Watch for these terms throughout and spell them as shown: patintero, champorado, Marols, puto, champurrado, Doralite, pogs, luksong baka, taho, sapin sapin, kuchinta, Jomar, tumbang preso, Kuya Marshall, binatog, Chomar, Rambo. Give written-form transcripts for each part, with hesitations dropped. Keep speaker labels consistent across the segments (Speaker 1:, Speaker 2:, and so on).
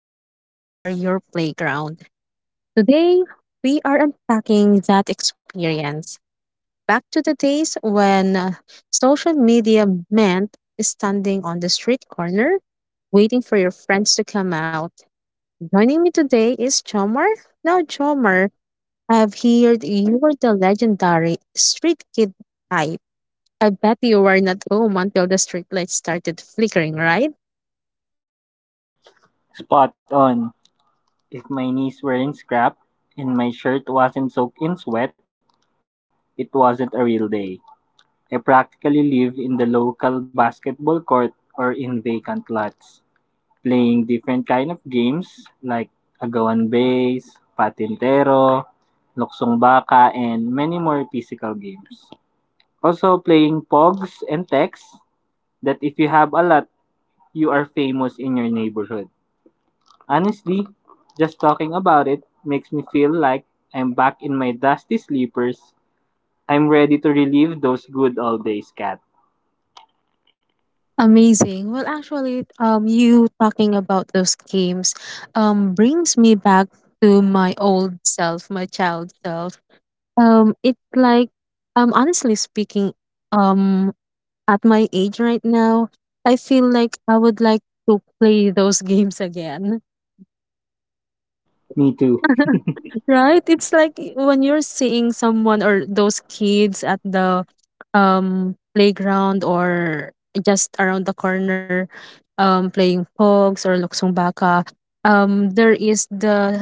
Speaker 1: when the streets are your playground. Today, we are unpacking that experience. Back to the days when social media meant standing on the street corner, waiting for your friends to come out. Joining me today is Chomar. Now, Chomar, I've heard you're the legendary street kid type. I bet you were not home until the streetlights started flickering, right?
Speaker 2: Spot on. If my knees weren't scrapped and my shirt wasn't soaked in sweat, it wasn't a real day. I practically live in the local basketball court or in vacant lots, playing different kind of games like agawan base, patintero, luksong baka, and many more physical games. Also playing pogs and text that if you have a lot, you are famous in your neighborhood. Honestly, just talking about it makes me feel like I'm back in my dusty sleepers. I'm ready to relive those good old days, Kat.
Speaker 1: Amazing. Well, actually, you talking about those games, brings me back to my old self, my child self. Um, it's like, honestly speaking, um, at my age right now, I feel like I would like to play those games again.
Speaker 2: Me too.
Speaker 1: Right? It's like when you're seeing someone or those kids at the playground or just around the corner playing pogs or luksong baka, there is the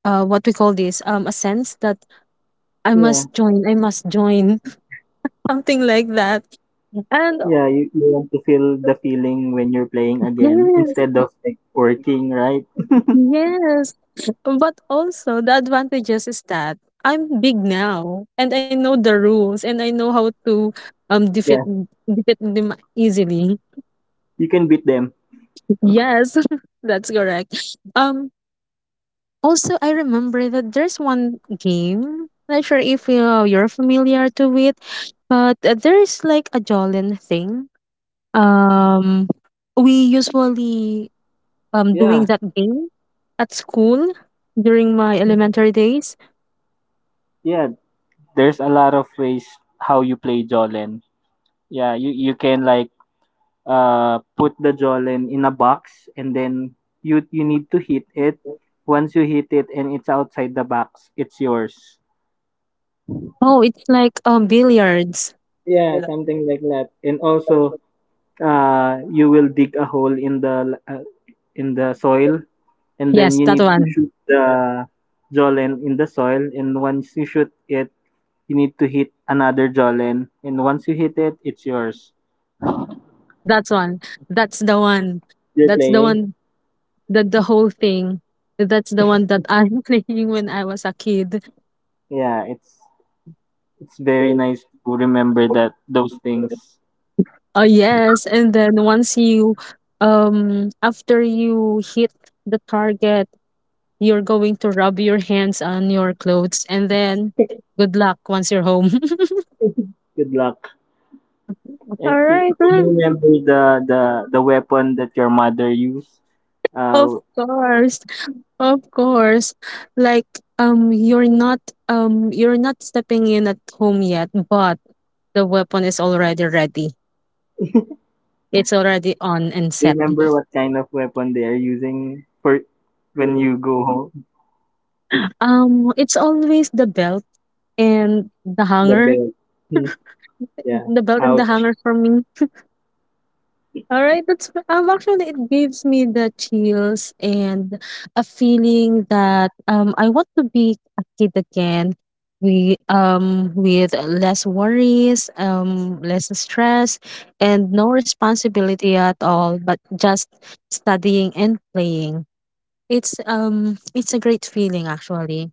Speaker 1: what we call this a sense that
Speaker 2: Yeah,
Speaker 1: I must join, something like that. And
Speaker 2: you want to feel the feeling when you're playing again
Speaker 1: yes,
Speaker 2: instead of like working, right?
Speaker 1: Yes, but also the advantages is that I'm big now and I know the rules and I know how to defeat
Speaker 2: Yeah,
Speaker 1: defeat them easily.
Speaker 2: you can beat them.
Speaker 1: Yes, that's correct. Um, also I remember that there's one game. Not sure if you're familiar to it, but there's like a Jolin thing. Um we usually doing
Speaker 2: Yeah,
Speaker 1: that game at school during my elementary days.
Speaker 2: yeah, there's a lot of ways how you play Jolene. Yeah, you can like put the jollen in a box and then you need to heat it. Once you heat it and it's outside the box, it's yours.
Speaker 1: Oh, it's like billiards.
Speaker 2: Yeah, something like that. And also, you will dig a hole in the soil and then
Speaker 1: Yes,
Speaker 2: you
Speaker 1: that
Speaker 2: need to
Speaker 1: one.
Speaker 2: shoot the jollen in the soil. And once you shoot it, you need to hit another jollen. And once you hit it, it's yours.
Speaker 1: Yes, that's one. That's the one.
Speaker 2: You're
Speaker 1: That's the
Speaker 2: playing.
Speaker 1: one that the whole thing. That's the one that I'm playing when I was a kid.
Speaker 2: Yeah, it's very nice to remember that those things.
Speaker 1: Oh yes, and then once you after you hit the target, you're going to rub your hands on your clothes and then good luck once you're home.
Speaker 2: Good luck. And
Speaker 1: All
Speaker 2: do
Speaker 1: right.
Speaker 2: do you remember the the the weapon that your mother used?
Speaker 1: Of
Speaker 2: Uh,
Speaker 1: course. Of course. Like um you're not you're not stepping in at home yet, but the weapon is already ready. It's already on and
Speaker 2: do you
Speaker 1: set.
Speaker 2: remember what kind of weapon they are using for when you go home?
Speaker 1: It's always the belt and the
Speaker 2: The
Speaker 1: hanger.
Speaker 2: bell. Hmm. Yeah.
Speaker 1: The belt and the
Speaker 2: Ouch.
Speaker 1: hanger for me. All right, that's actually it gives me the chills and a feeling that I want to be a kid again. We with less worries, less stress, and no responsibility at all, but just studying and playing. It's a great feeling actually.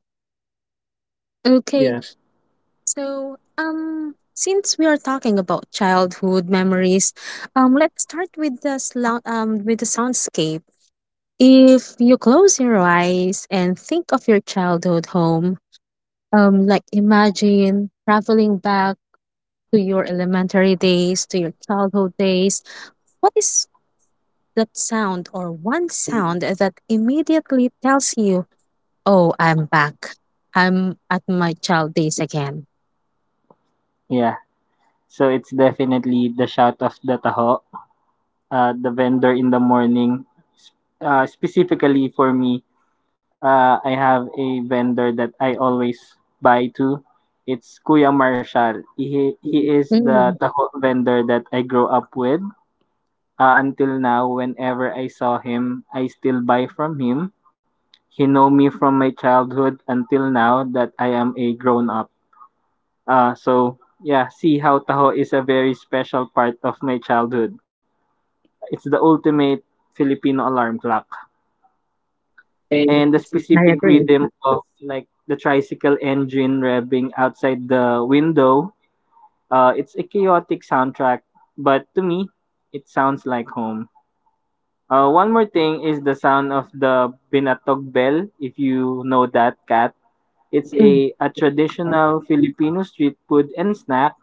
Speaker 1: Okay,
Speaker 2: Yeah.
Speaker 1: so, since we are talking about childhood memories, let's start with the with the soundscape. If you close your eyes and think of your childhood home, like imagine traveling back to your elementary days, to your childhood days. What is that sound or one sound that immediately tells you? Oh, I'm back. I'm at my child days again.
Speaker 2: Yeah. So it's definitely the shout of the taho. The vendor in the morning. s- Specifically for me, I have a vendor that I always buy to. It's Kuya Marshall. He is
Speaker 1: Mm,
Speaker 2: the taco vendor that I grew up with. Until now, whenever I saw him, I still buy from him. He know me from my childhood until now that I am a grown up. So yeah, see how taho is a very special part of my childhood. It's the ultimate Filipino alarm clock. And the
Speaker 1: I
Speaker 2: specific
Speaker 1: agree.
Speaker 2: rhythm of like the tricycle engine revving outside the window. It's a chaotic soundtrack, but to me, it sounds like home. One more thing is the sound of the binatog bell, if you know that cat. It's
Speaker 1: Mm.
Speaker 2: a traditional Filipino street food and snack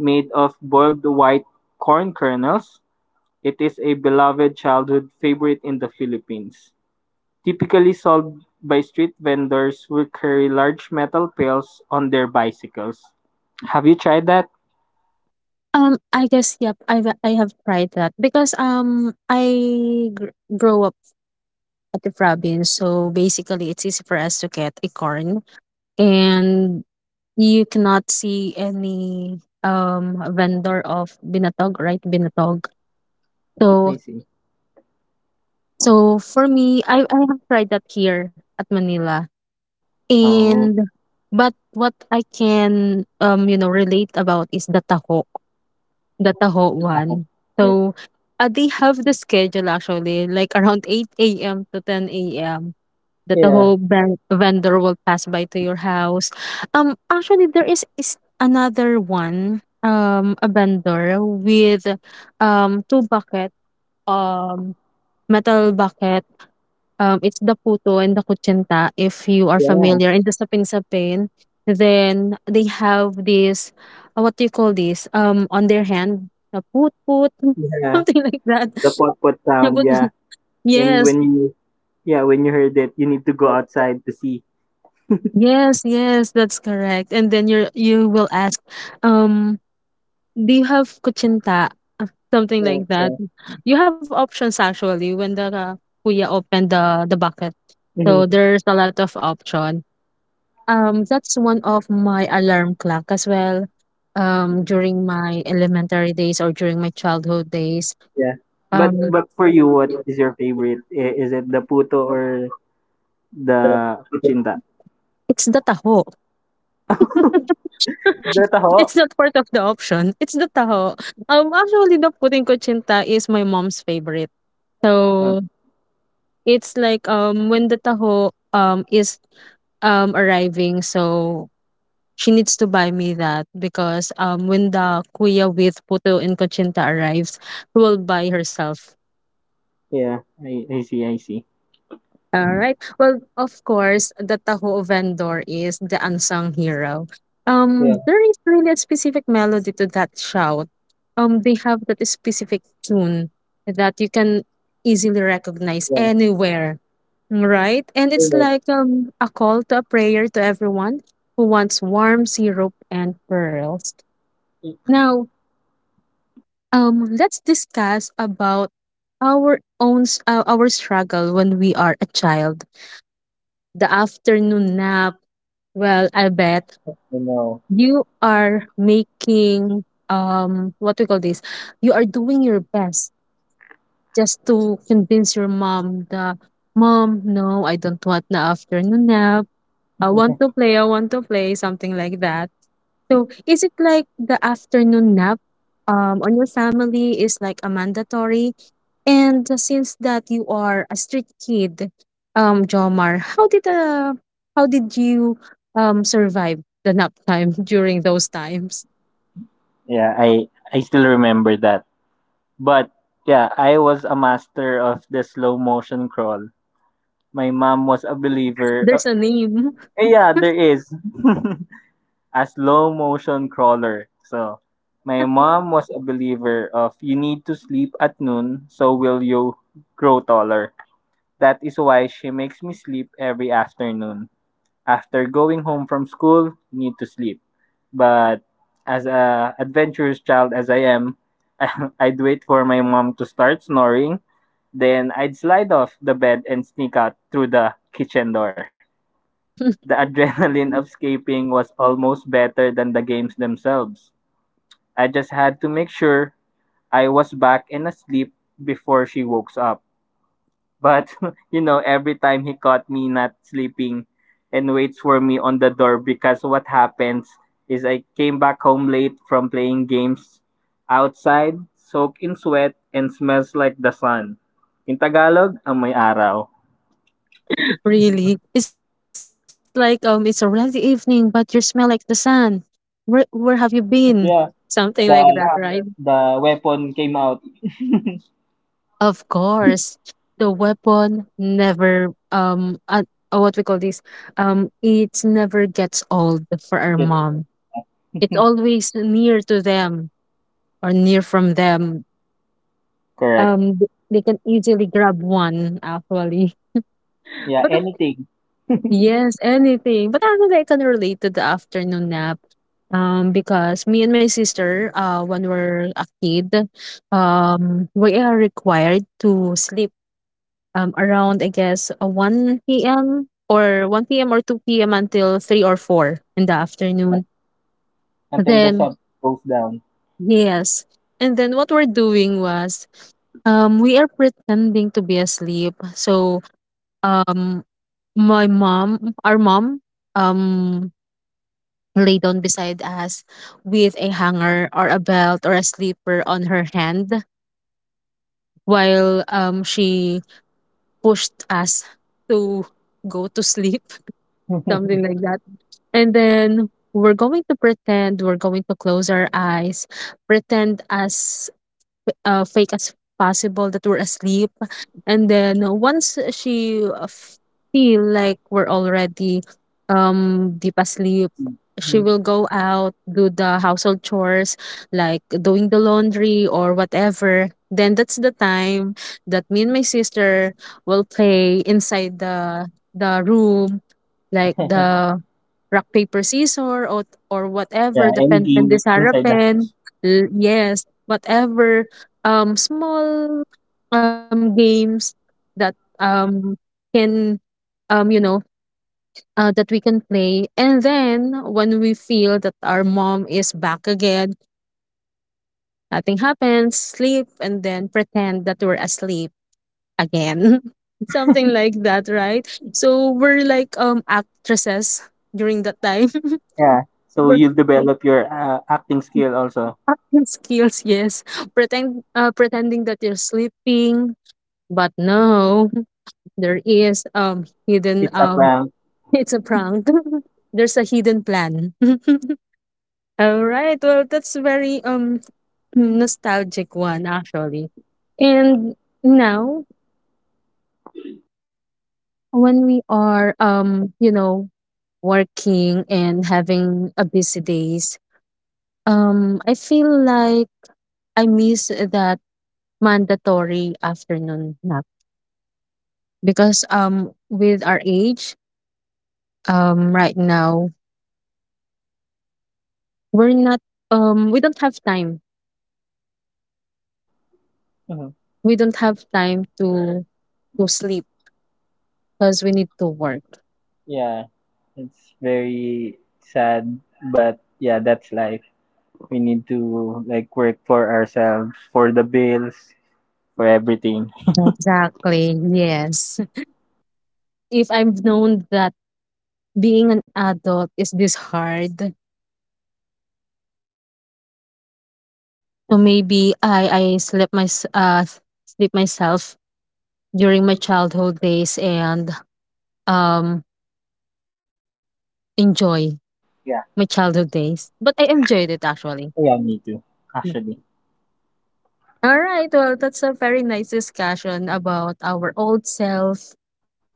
Speaker 2: made of boiled white corn kernels. It is a beloved childhood favorite in the Philippines typically sold by street vendors who carry large metal pails on their bicycles. Have you tried that?
Speaker 1: I guess yep. I have tried that because grow up at the province, so basically it's easy for us to get acorn, and you cannot see any vendor of binatog, right? Binatog. So
Speaker 2: I see.
Speaker 1: so for me, I have tried that here at Manila.
Speaker 2: Oh,
Speaker 1: And but what I can you know relate about is the taho one. So they have the schedule actually, like around 8 a.m. to 10 a.m. that the
Speaker 2: yeah,
Speaker 1: vendor will pass by to your house. Actually, there is another one, a vendor with two bucket, um, metal bucket. It's the puto and the kuchinta. If you are
Speaker 2: yeah,
Speaker 1: familiar in the sapin sapin, then they have this, what do you call this? On their hand, a put put,
Speaker 2: yeah.
Speaker 1: something like that.
Speaker 2: The pot pot sound, yeah. And
Speaker 1: Yeah.
Speaker 2: when you, Yeah, when you heard it, you need to go outside to see.
Speaker 1: Yes, yes, that's correct. And then you will ask, um, do you have kuchinta? Uh, Something like that.
Speaker 2: Yeah.
Speaker 1: You have options actually when the kuya opened the bucket. So
Speaker 2: Mhm.
Speaker 1: there's a lot of option. That's one of my alarm clock as well. During my elementary days or during my childhood days,
Speaker 2: Yeah. But
Speaker 1: um,
Speaker 2: for you, what is your favorite? Is it the puto or the kuchinta?
Speaker 1: it's the taho.
Speaker 2: The taho.
Speaker 1: It's not part of the option. It's the taho. Actually, the puting kuchinta is my mom's favorite.
Speaker 2: Uh,
Speaker 1: So it's like when the taho is arriving, so she needs to buy me that because when the kuya with puto and cochinta arrives, she will buy herself.
Speaker 2: Yeah, I see, I see.
Speaker 1: All right. Well, of course, the taho vendor is the unsung hero.
Speaker 2: Yeah,
Speaker 1: There is really a specific melody to that shout. They have that specific tune that you can easily recognize
Speaker 2: yeah.
Speaker 1: anywhere. Right? And it's
Speaker 2: Wait.
Speaker 1: like a call to a prayer to everyone who wants warm syrup and pearls. Now, let's discuss about our our struggle when we are a child. The afternoon nap. Well, I bet
Speaker 2: You know.
Speaker 1: you are making what we call this. You are doing your best just to convince your mom, the mom, no, I don't want na afternoon nap, I want to play, I want to play, something like that. So is it like the afternoon nap, on your family is like a mandatory? And since that you are a street kid, Jomar, how did you survive the nap time during those times?
Speaker 2: Yeah, I still remember that. But yeah, I was a master of the slow motion crawl. My mom was a believer.
Speaker 1: There's a name.
Speaker 2: Yeah, there is a slow motion crawler. So my mom was a believer of you need to sleep at noon so will you grow taller. That is why she makes me sleep every afternoon. After going home from school, you need to sleep. But as a adventurous child as I am, I'd wait for my mom to start snoring, then I'd slide off the bed and sneak out through the kitchen door. The adrenaline of escaping was almost better than the games themselves. I just had to make sure I was back and asleep before she woke up. But, every time he caught me not sleeping and waits for me on the door because what happens is I came back home late from playing games outside, soaked in sweat, and smells like the sun. In Tagalog, amoy araw.
Speaker 1: Really. It's like it's already evening, but you smell like the sun. Where have you been?
Speaker 2: Yeah,
Speaker 1: Something like that, right?
Speaker 2: the weapon came out.
Speaker 1: Of course. The weapon never what we call this it never gets old for our
Speaker 2: Get
Speaker 1: mom. It's always near to them or near from them.
Speaker 2: Correct.
Speaker 1: They can easily grab one actually.
Speaker 2: Yeah, anything.
Speaker 1: Yes, anything, but actually I can relate to the afternoon nap, because me and my sister when we're a kid, we are required to sleep, around I guess 1 p.m. or 1 p.m. or 2 p.m. until 3 or 4 in the afternoon.
Speaker 2: Until the
Speaker 1: Then
Speaker 2: sun goes down.
Speaker 1: yes, and then what we're doing was we are pretending to be asleep. So um my mom, our mom, um lay down beside us with a hanger or a belt or a slipper on her hand while she pushed us to go to sleep, something like that. And then we're going to pretend, we're going to close our eyes, pretend as fake as possible that we're asleep. And then once she feel like we're already deep asleep, she will go out, do the household chores, like doing the laundry or whatever. Then that's the time that me and my sister will play inside the room, like the rock paper scissor or whatever
Speaker 2: Yeah,
Speaker 1: the
Speaker 2: any
Speaker 1: pen
Speaker 2: game
Speaker 1: pendesara
Speaker 2: inside the
Speaker 1: pen.
Speaker 2: house.
Speaker 1: Yes, whatever small games that can you know that we can play, and then when we feel that our mom is back again, nothing happens, sleep and then pretend that we're asleep again, something like that, right? So we're like actresses during that time.
Speaker 2: Yeah, so you'll develop your acting skill also.
Speaker 1: Acting skills, yes. Pretend, pretending that you're sleeping, but no, there is hidden.
Speaker 2: It's a prank.
Speaker 1: It's a prank. There's a hidden plan. All right. Well, that's very nostalgic one actually. And now when we are you know working and having a busy days, I feel like I miss that mandatory afternoon nap because with our age right now we're not we don't have time,
Speaker 2: Mhm.
Speaker 1: we don't have time to sleep because we need to work.
Speaker 2: Yeah, it's very sad, but yeah, that's life. We need to like work for ourselves, for the bills, for everything.
Speaker 1: Exactly. Yes. If I've known that being an adult is this hard, so maybe I slept my uh sleep myself during my childhood days and um enjoy my childhood
Speaker 2: Yeah.
Speaker 1: days, but I enjoyed it actually.
Speaker 2: Yeah, me too. Actually,
Speaker 1: All right. Well, that's a very nice discussion about our old self.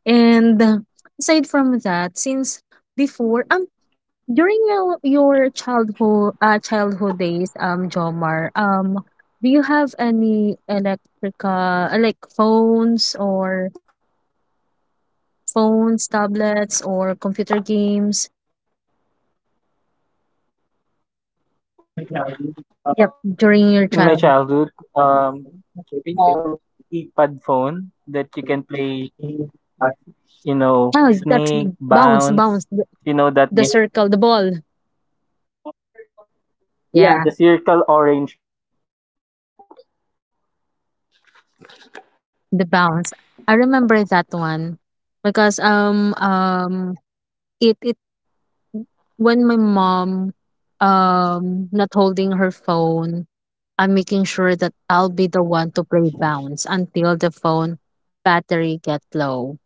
Speaker 1: And aside from that, since before, during your childhood, childhood days, Jomar, do you have any electrical, like phones or phones, tablets, or computer games?
Speaker 2: Actu in my
Speaker 1: Yep,
Speaker 2: childhood,
Speaker 1: during your
Speaker 2: um,
Speaker 1: childhood.
Speaker 2: we have a keypad phone that you can play. You know, snake
Speaker 1: Oh,
Speaker 2: bounce.
Speaker 1: that's
Speaker 2: You know
Speaker 1: bounce,
Speaker 2: that game,
Speaker 1: bounce. The circle, the ball.
Speaker 2: the circle orange
Speaker 1: Yeah,
Speaker 2: ball.
Speaker 1: the bounce. I remember that one because it it when my mom not holding her phone, I'm making sure that I'll be the one to play bounce until the phone battery get low.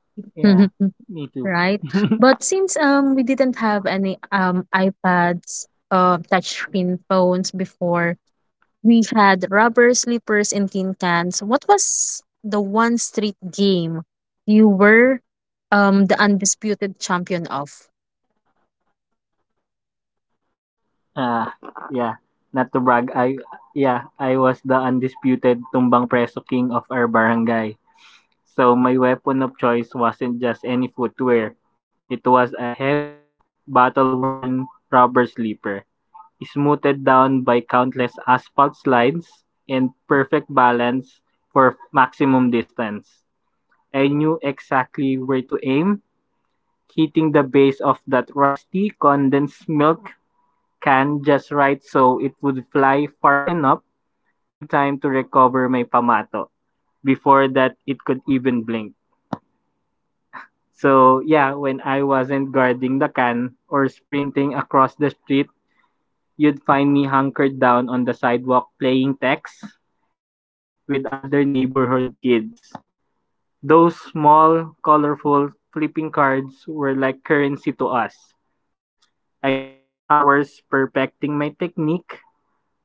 Speaker 2: Yeah, me too.
Speaker 1: Right? But since we didn't have any iPads, touchscreen phones before, we had rubber slippers and tin cans. What was the one street game you were the undisputed champion of?
Speaker 2: Ah, yeah. Not to brag, I yeah, I was the undisputed tumbang preso king of our barangay. So my weapon of choice wasn't just any footwear. It was a heavy, battle-worn rubber slipper, smoothed down by countless asphalt slides and perfect balance for maximum distance. I knew exactly where to aim, hitting the base of that rusty condensed milk can just right so it would fly far enough to give me time to recover my pamato before that it could even blink. So yeah, when I wasn't guarding the can or sprinting across the street, you'd find me hunkered down on the sidewalk playing text with other neighborhood kids. Those small, colorful flipping cards were like currency to us. I spent hours perfecting my technique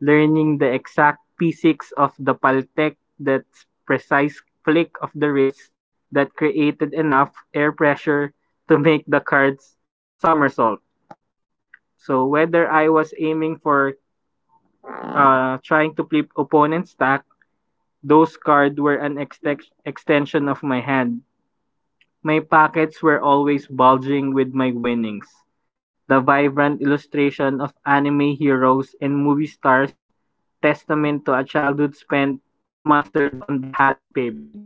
Speaker 2: learning the exact physics of the paltek, that precise flick of the wrist that created enough air pressure to make the cards somersault. So whether I was aiming for trying to flip opponent's stack, those cards were an extension of my hand. My pockets were always bulging with my winnings. The vibrant illustration of anime heroes and movie stars testament to a childhood spent mastered on the hot pavement.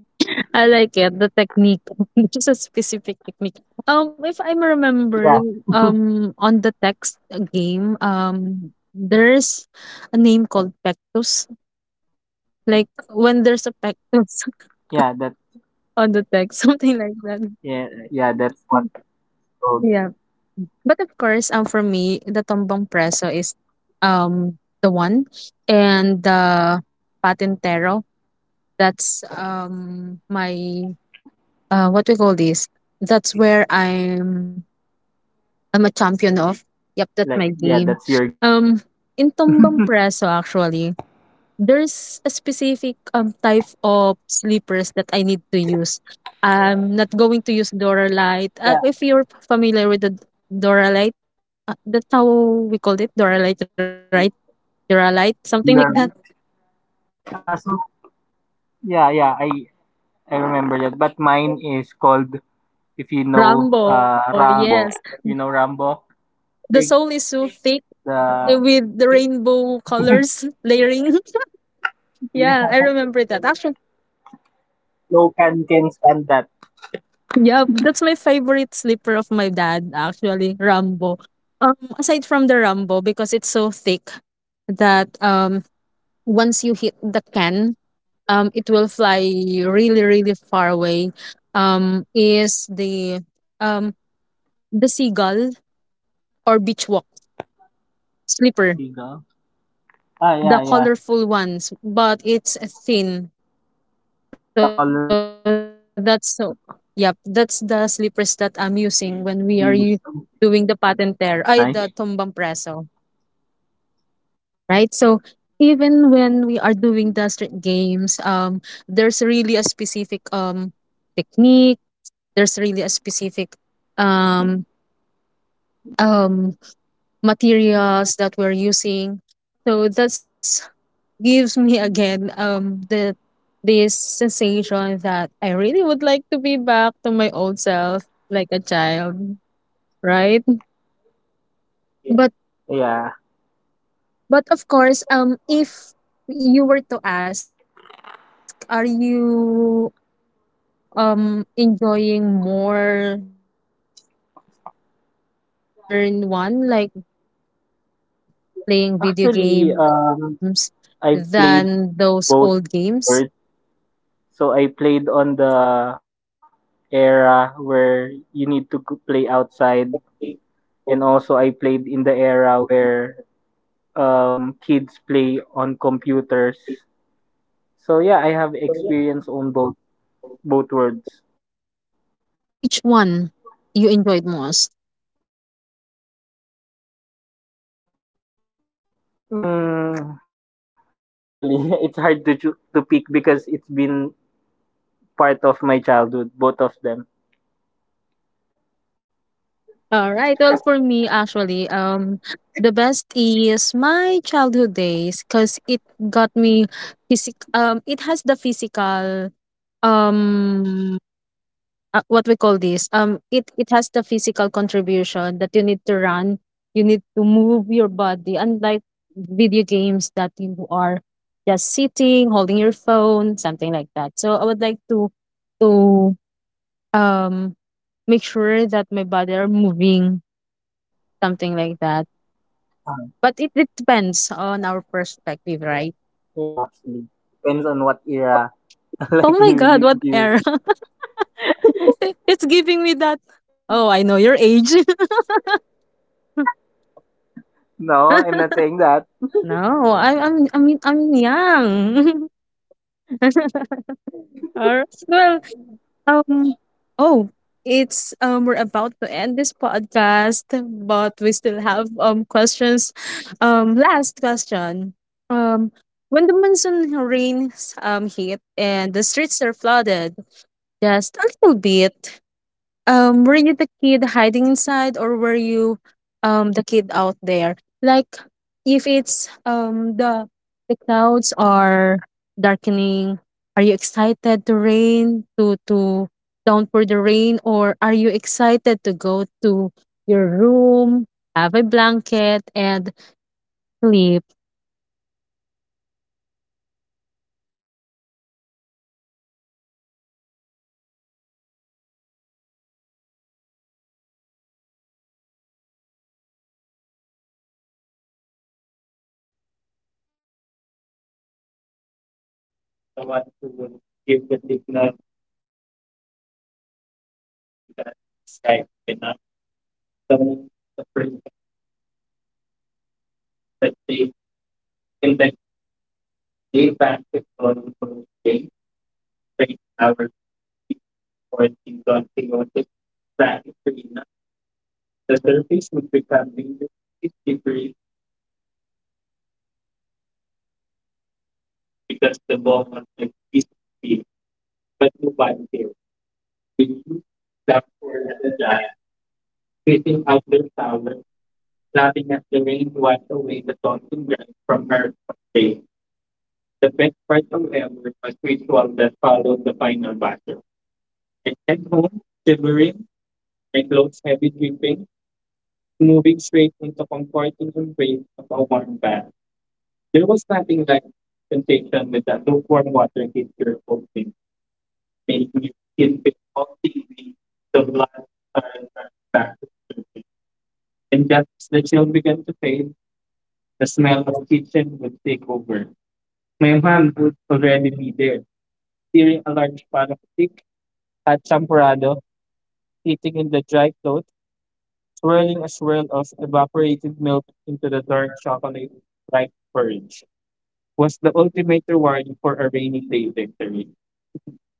Speaker 1: I like it. The technique. Just a specific technique. If I remember,
Speaker 2: Yeah.
Speaker 1: on the text game, there's a name called Pectus. Like when there's a Pectus
Speaker 2: Yeah, that
Speaker 1: on the text, something like that.
Speaker 2: Yeah, that's what
Speaker 1: Yeah.
Speaker 2: called.
Speaker 1: But of course, for me, the tombong preso is um the one, and the patintero. That's my what we call this. That's where I'm a champion of. Yep, that's my
Speaker 2: Yeah,
Speaker 1: game.
Speaker 2: that's your
Speaker 1: Um, in Tombang preso, actually, there's a specific type of sleepers that I need to use. I'm not going to use Dora Light.
Speaker 2: yeah.
Speaker 1: If you're familiar with the Dora, that's how we called it, Doralite, right? Doralite, something like that.
Speaker 2: you So yeah, I remember that. But mine is called if you know
Speaker 1: Rambo, yes.
Speaker 2: Rambo. You know Rambo?
Speaker 1: The soul is
Speaker 2: Big
Speaker 1: so thick,
Speaker 2: the
Speaker 1: with the
Speaker 2: thick
Speaker 1: rainbow colors layering. Yeah, I
Speaker 2: yeah.
Speaker 1: remember that. Actually,
Speaker 2: No can stand that.
Speaker 1: yeah, that's my favorite slipper of my dad, actually, Rambo. Aside from the Rambo, because it's so thick that, once you hit the can, it will fly really, really far away. Is um the seagull or beach walk
Speaker 2: Seagull.
Speaker 1: slipper,
Speaker 2: Ah yeah, yeah.
Speaker 1: the colorful ones, but it's thin.
Speaker 2: The color
Speaker 1: So that's so, yep, that's the slippers that I'm using when we are
Speaker 2: he
Speaker 1: doing the
Speaker 2: used.
Speaker 1: patenter, ay the tumbang
Speaker 2: Nice.
Speaker 1: preso, right? So even when we are doing the street games, there's really a specific technique. There's really a specific um um materials that we're using. So that's gives me again the this sensation that I really would like to be back to my old self like a child, right? But
Speaker 2: Yeah.
Speaker 1: but of course, if you were to ask, are you enjoying more the modern one like playing video games than those old games?
Speaker 2: Actually I played both. So I played on the era where you need to play outside, and also I played in the era where kids play on computers. So yeah, I have experience on both worlds.
Speaker 1: But which one you enjoyed most?
Speaker 2: For me, mm, I enjoy both actually. It's hard to to pick because it's been part of my childhood, both of them.
Speaker 1: All right. Well, for me, actually, the best is my childhood days because it got me physic. It has the physical. Um, what we call this. It has the physical contribution that you need to run. You need to move your body, unlike video games that you are just sitting, holding your phone, something like that. So I would like to um make sure that my body are moving, something like that. But it depends on our perspective, right?
Speaker 2: Yeah, actually, depends on what era.
Speaker 1: Oh
Speaker 2: Like
Speaker 1: my God, what
Speaker 2: you.
Speaker 1: era? It's giving me that. Oh, I know your age.
Speaker 2: No, I'm not saying that.
Speaker 1: No, I mean, I'm young.
Speaker 2: No?
Speaker 1: All right. Well, um, oh, it's we're about to end this podcast, but we still have
Speaker 2: Oh
Speaker 1: questions.
Speaker 2: no.
Speaker 1: Last question. Um, when the monsoon rains hit and the streets are flooded, just a little bit. Were you the kid hiding inside or were you the kid out there? Like if it's the clouds are darkening, are you excited to rain to down for the rain, or are you excited to go to your room, have a blanket and sleep?
Speaker 2: Actually, I was the undisputed leader of the pack. The one who would actually I was the undisputed leader of the pack. The one who would give the signal. The game wasn't over just because the sky opened up. The moment the first heavy drops hit the pavement, the stake intensified. We'd
Speaker 1: They These
Speaker 2: played
Speaker 1: banquets were
Speaker 2: basketball in pouring
Speaker 1: daily,
Speaker 2: rain,
Speaker 1: eight
Speaker 2: turning our
Speaker 1: hours
Speaker 2: makeshift neighborhood
Speaker 1: for
Speaker 2: court into a
Speaker 1: continuous
Speaker 2: chaotic, splashing arena. The surface would become dangerously slippery, everyone sliding into each other and missing layups because the ball was like greased pig. But nobody cared. With use, downpour as a giant, freezing outdoor shower, lapping as the rain washed away the salt and grime
Speaker 1: from
Speaker 2: from
Speaker 1: her
Speaker 2: hours of
Speaker 1: day.
Speaker 2: play.
Speaker 1: The
Speaker 2: The
Speaker 1: best
Speaker 2: best
Speaker 1: part
Speaker 2: part,
Speaker 1: of ever
Speaker 2: however,
Speaker 1: was
Speaker 2: was
Speaker 1: ritual
Speaker 2: ritual
Speaker 1: that
Speaker 2: that
Speaker 1: followed
Speaker 2: followed
Speaker 1: the
Speaker 2: the
Speaker 1: final
Speaker 2: final
Speaker 1: battle.
Speaker 2: buzzer.
Speaker 1: And
Speaker 2: I'd
Speaker 1: at
Speaker 2: head
Speaker 1: home,
Speaker 2: home,
Speaker 1: shivering,
Speaker 2: shivering,
Speaker 1: my
Speaker 2: my
Speaker 1: clothes
Speaker 2: clothes
Speaker 1: heavy
Speaker 2: heavy
Speaker 1: dripping,
Speaker 2: dripping,
Speaker 1: moving
Speaker 2: moving
Speaker 1: straight
Speaker 2: straight
Speaker 1: into
Speaker 2: into
Speaker 1: comforting
Speaker 2: comforting
Speaker 1: embrace
Speaker 2: embrace
Speaker 1: of
Speaker 2: of
Speaker 1: a
Speaker 2: a
Speaker 1: warm
Speaker 2: warm bath.
Speaker 1: bath. There
Speaker 2: There
Speaker 1: was
Speaker 2: was
Speaker 1: nothing
Speaker 2: nothing
Speaker 1: like
Speaker 2: like
Speaker 1: the sensation
Speaker 2: sensation
Speaker 1: with
Speaker 2: with the
Speaker 1: that lukewarm
Speaker 2: lukewarm
Speaker 1: water
Speaker 2: water
Speaker 1: hit
Speaker 2: hit
Speaker 1: your
Speaker 2: your cold
Speaker 1: open,
Speaker 2: limbs,
Speaker 1: making
Speaker 2: making
Speaker 1: your
Speaker 2: your skin
Speaker 1: skin feel
Speaker 2: feel
Speaker 1: all
Speaker 2: all
Speaker 1: tingly,
Speaker 2: tingly as
Speaker 1: the
Speaker 2: the
Speaker 1: blood
Speaker 2: blood
Speaker 1: started
Speaker 2: started rushing
Speaker 1: back
Speaker 2: back
Speaker 1: to
Speaker 2: to the
Speaker 1: the surface.
Speaker 2: surface.
Speaker 1: And
Speaker 2: And just
Speaker 1: just
Speaker 2: as
Speaker 1: the
Speaker 2: the
Speaker 1: chill
Speaker 2: chill
Speaker 1: began
Speaker 2: began
Speaker 1: to
Speaker 2: to
Speaker 1: fade,
Speaker 2: fade,
Speaker 1: the
Speaker 2: the
Speaker 1: smell
Speaker 2: smell of
Speaker 1: of kitchen
Speaker 2: kitchen would
Speaker 1: would take
Speaker 2: take
Speaker 1: over.
Speaker 2: over. My
Speaker 1: My
Speaker 2: mom
Speaker 1: mom would
Speaker 2: would
Speaker 1: already
Speaker 2: already
Speaker 1: be
Speaker 2: be
Speaker 1: there,
Speaker 2: there, steering
Speaker 1: tearing
Speaker 2: a
Speaker 1: up
Speaker 2: large pot of thick, hot champurrado
Speaker 1: product,
Speaker 2: sitting
Speaker 1: in
Speaker 2: in the
Speaker 1: the
Speaker 2: dry
Speaker 1: dry,
Speaker 2: clothes,
Speaker 1: swirling
Speaker 2: swirling
Speaker 1: a
Speaker 2: a swirl of evaporated
Speaker 1: separated
Speaker 2: milk
Speaker 1: milk.
Speaker 2: into the dark chocolate rice porridge, was the ultimate reward for a rainy day victory.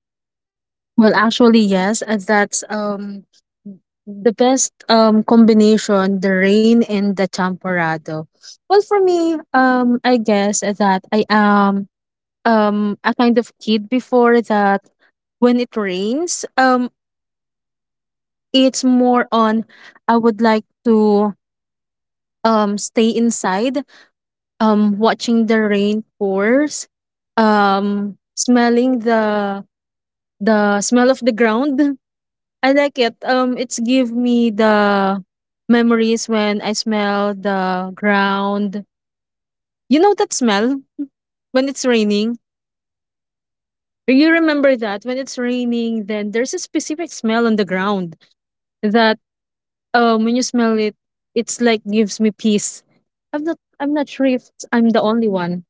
Speaker 1: Well, actually, yes. That's the best combination, the rain and the champorado. Well, for me, I guess that I am a kind of kid before that. When it rains, it's more on I would like to stay inside, watching the rain pours, smelling the smell of the ground. I like it. It's give me the memories when I smell the ground. You know that smell when it's raining? You remember that when it's raining then there's a specific smell on the ground that, when you smell it, it's like gives me peace. I'm not sure if I'm the only one.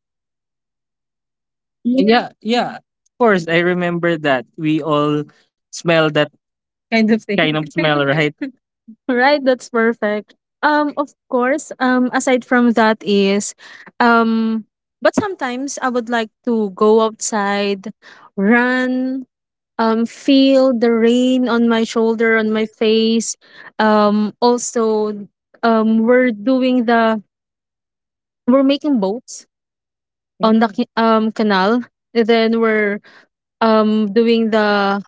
Speaker 1: Yeah, yeah. Of course, I remember that. We all smell that kind of thing, kind of smell, right? Right, that's perfect. Of course, aside from that is um but sometimes I would like to go outside, run, feel the rain on my shoulder, on my face. Also, we're doing the we're making boats on the Mm. Canal. And then we're, doing the,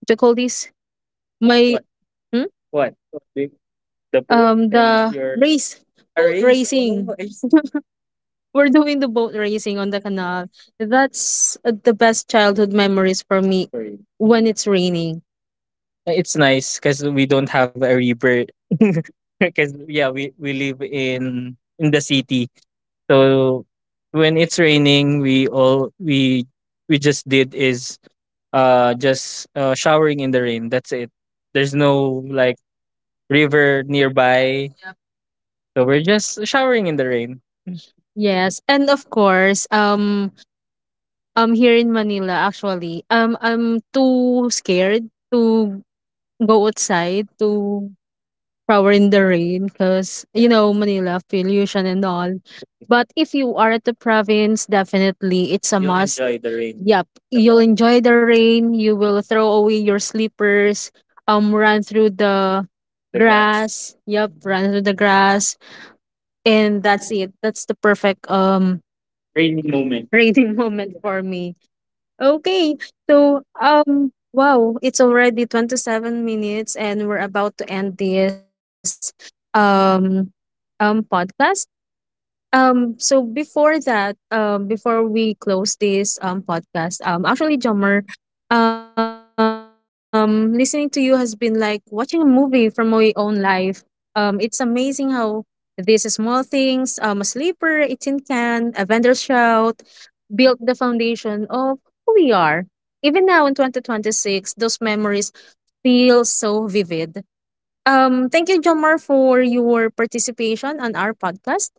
Speaker 1: what do you call this? My What? Hmm? What? The boat and the your race, a boat race. Oh, racing. Oh, I see. We're doing the boat racing on the canal. That's the best childhood memories for me. Sorry, when it's raining. It's nice because we don't have a river. Because yeah, we live in the city, so when it's raining, we all we just did is just showering in the rain. That's it. There's no like river nearby, so we're just showering in the rain. Yes, and of course, here in Manila, actually, I'm too scared to go outside to shower in the rain because you know Manila pollution and all. But if you are at the province, definitely it's a you'll must enjoy the rain. Yep, you'll enjoy the rain. You will throw away your slippers. Run through the grass, grass. Yep, run through the grass, and that's it. That's the perfect rainy moment, rainy moment for me. Okay. So, wow, it's already 27 minutes and we're about to end this um podcast. So before that, before we close this podcast, actually, Jommer, listening to you has been like watching a movie from my own life. It's amazing how these small things, a sleeper, a tin can, a vendor shout, built the foundation of who we are. Even now in 2026, those memories feel so vivid. Thank you, Jomar, for your participation on our podcast.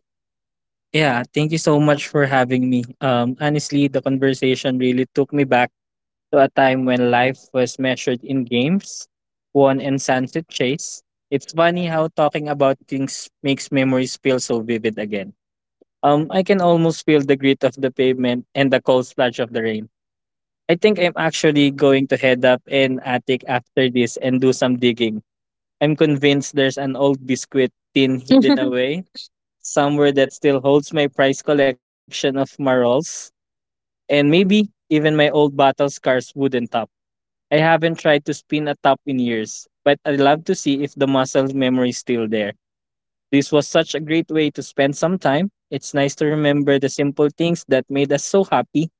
Speaker 1: Yeah, thank you so much for having me. Honestly, the conversation really took me back to a time when life was measured in games, won and sunset chase. It's funny how talking about things makes memories feel so vivid again. I can almost feel the grit of the pavement and the cold splash of the rain. I think I'm actually going to head up an attic after this and do some digging. I'm convinced there's an old biscuit tin hidden away somewhere that still holds my prized collection of Marols, and maybe even my old battle scar's wooden top. I haven't tried to spin a top in years, but I'd love to see if the muscle memory is still there. This was such a great way to spend some time. It's nice to remember the simple things that made us so happy.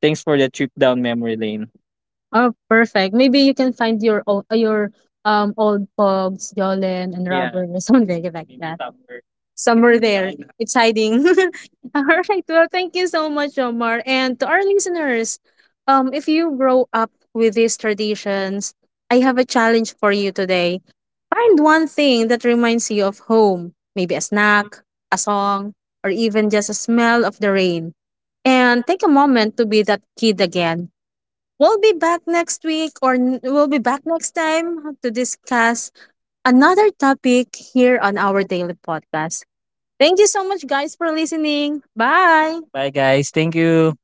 Speaker 1: Thanks for the trip down memory lane. Oh, perfect. Maybe you can find your old pogs, Yolen, and yeah, rubber or something like that, somewhere. Somewhere it's there, hiding, it's hiding. All right. Well, thank you so much, Omar, and to our listeners. If you grow up with these traditions, I have a challenge for you today. Find one thing that reminds you of home, maybe a snack, a song, or even just a smell of the rain. And take a moment to be that kid again. We'll be back next week or we'll be back next time to discuss another topic here on our daily podcast. Thank you so much, guys, for listening. Bye. Bye, guys. Thank you.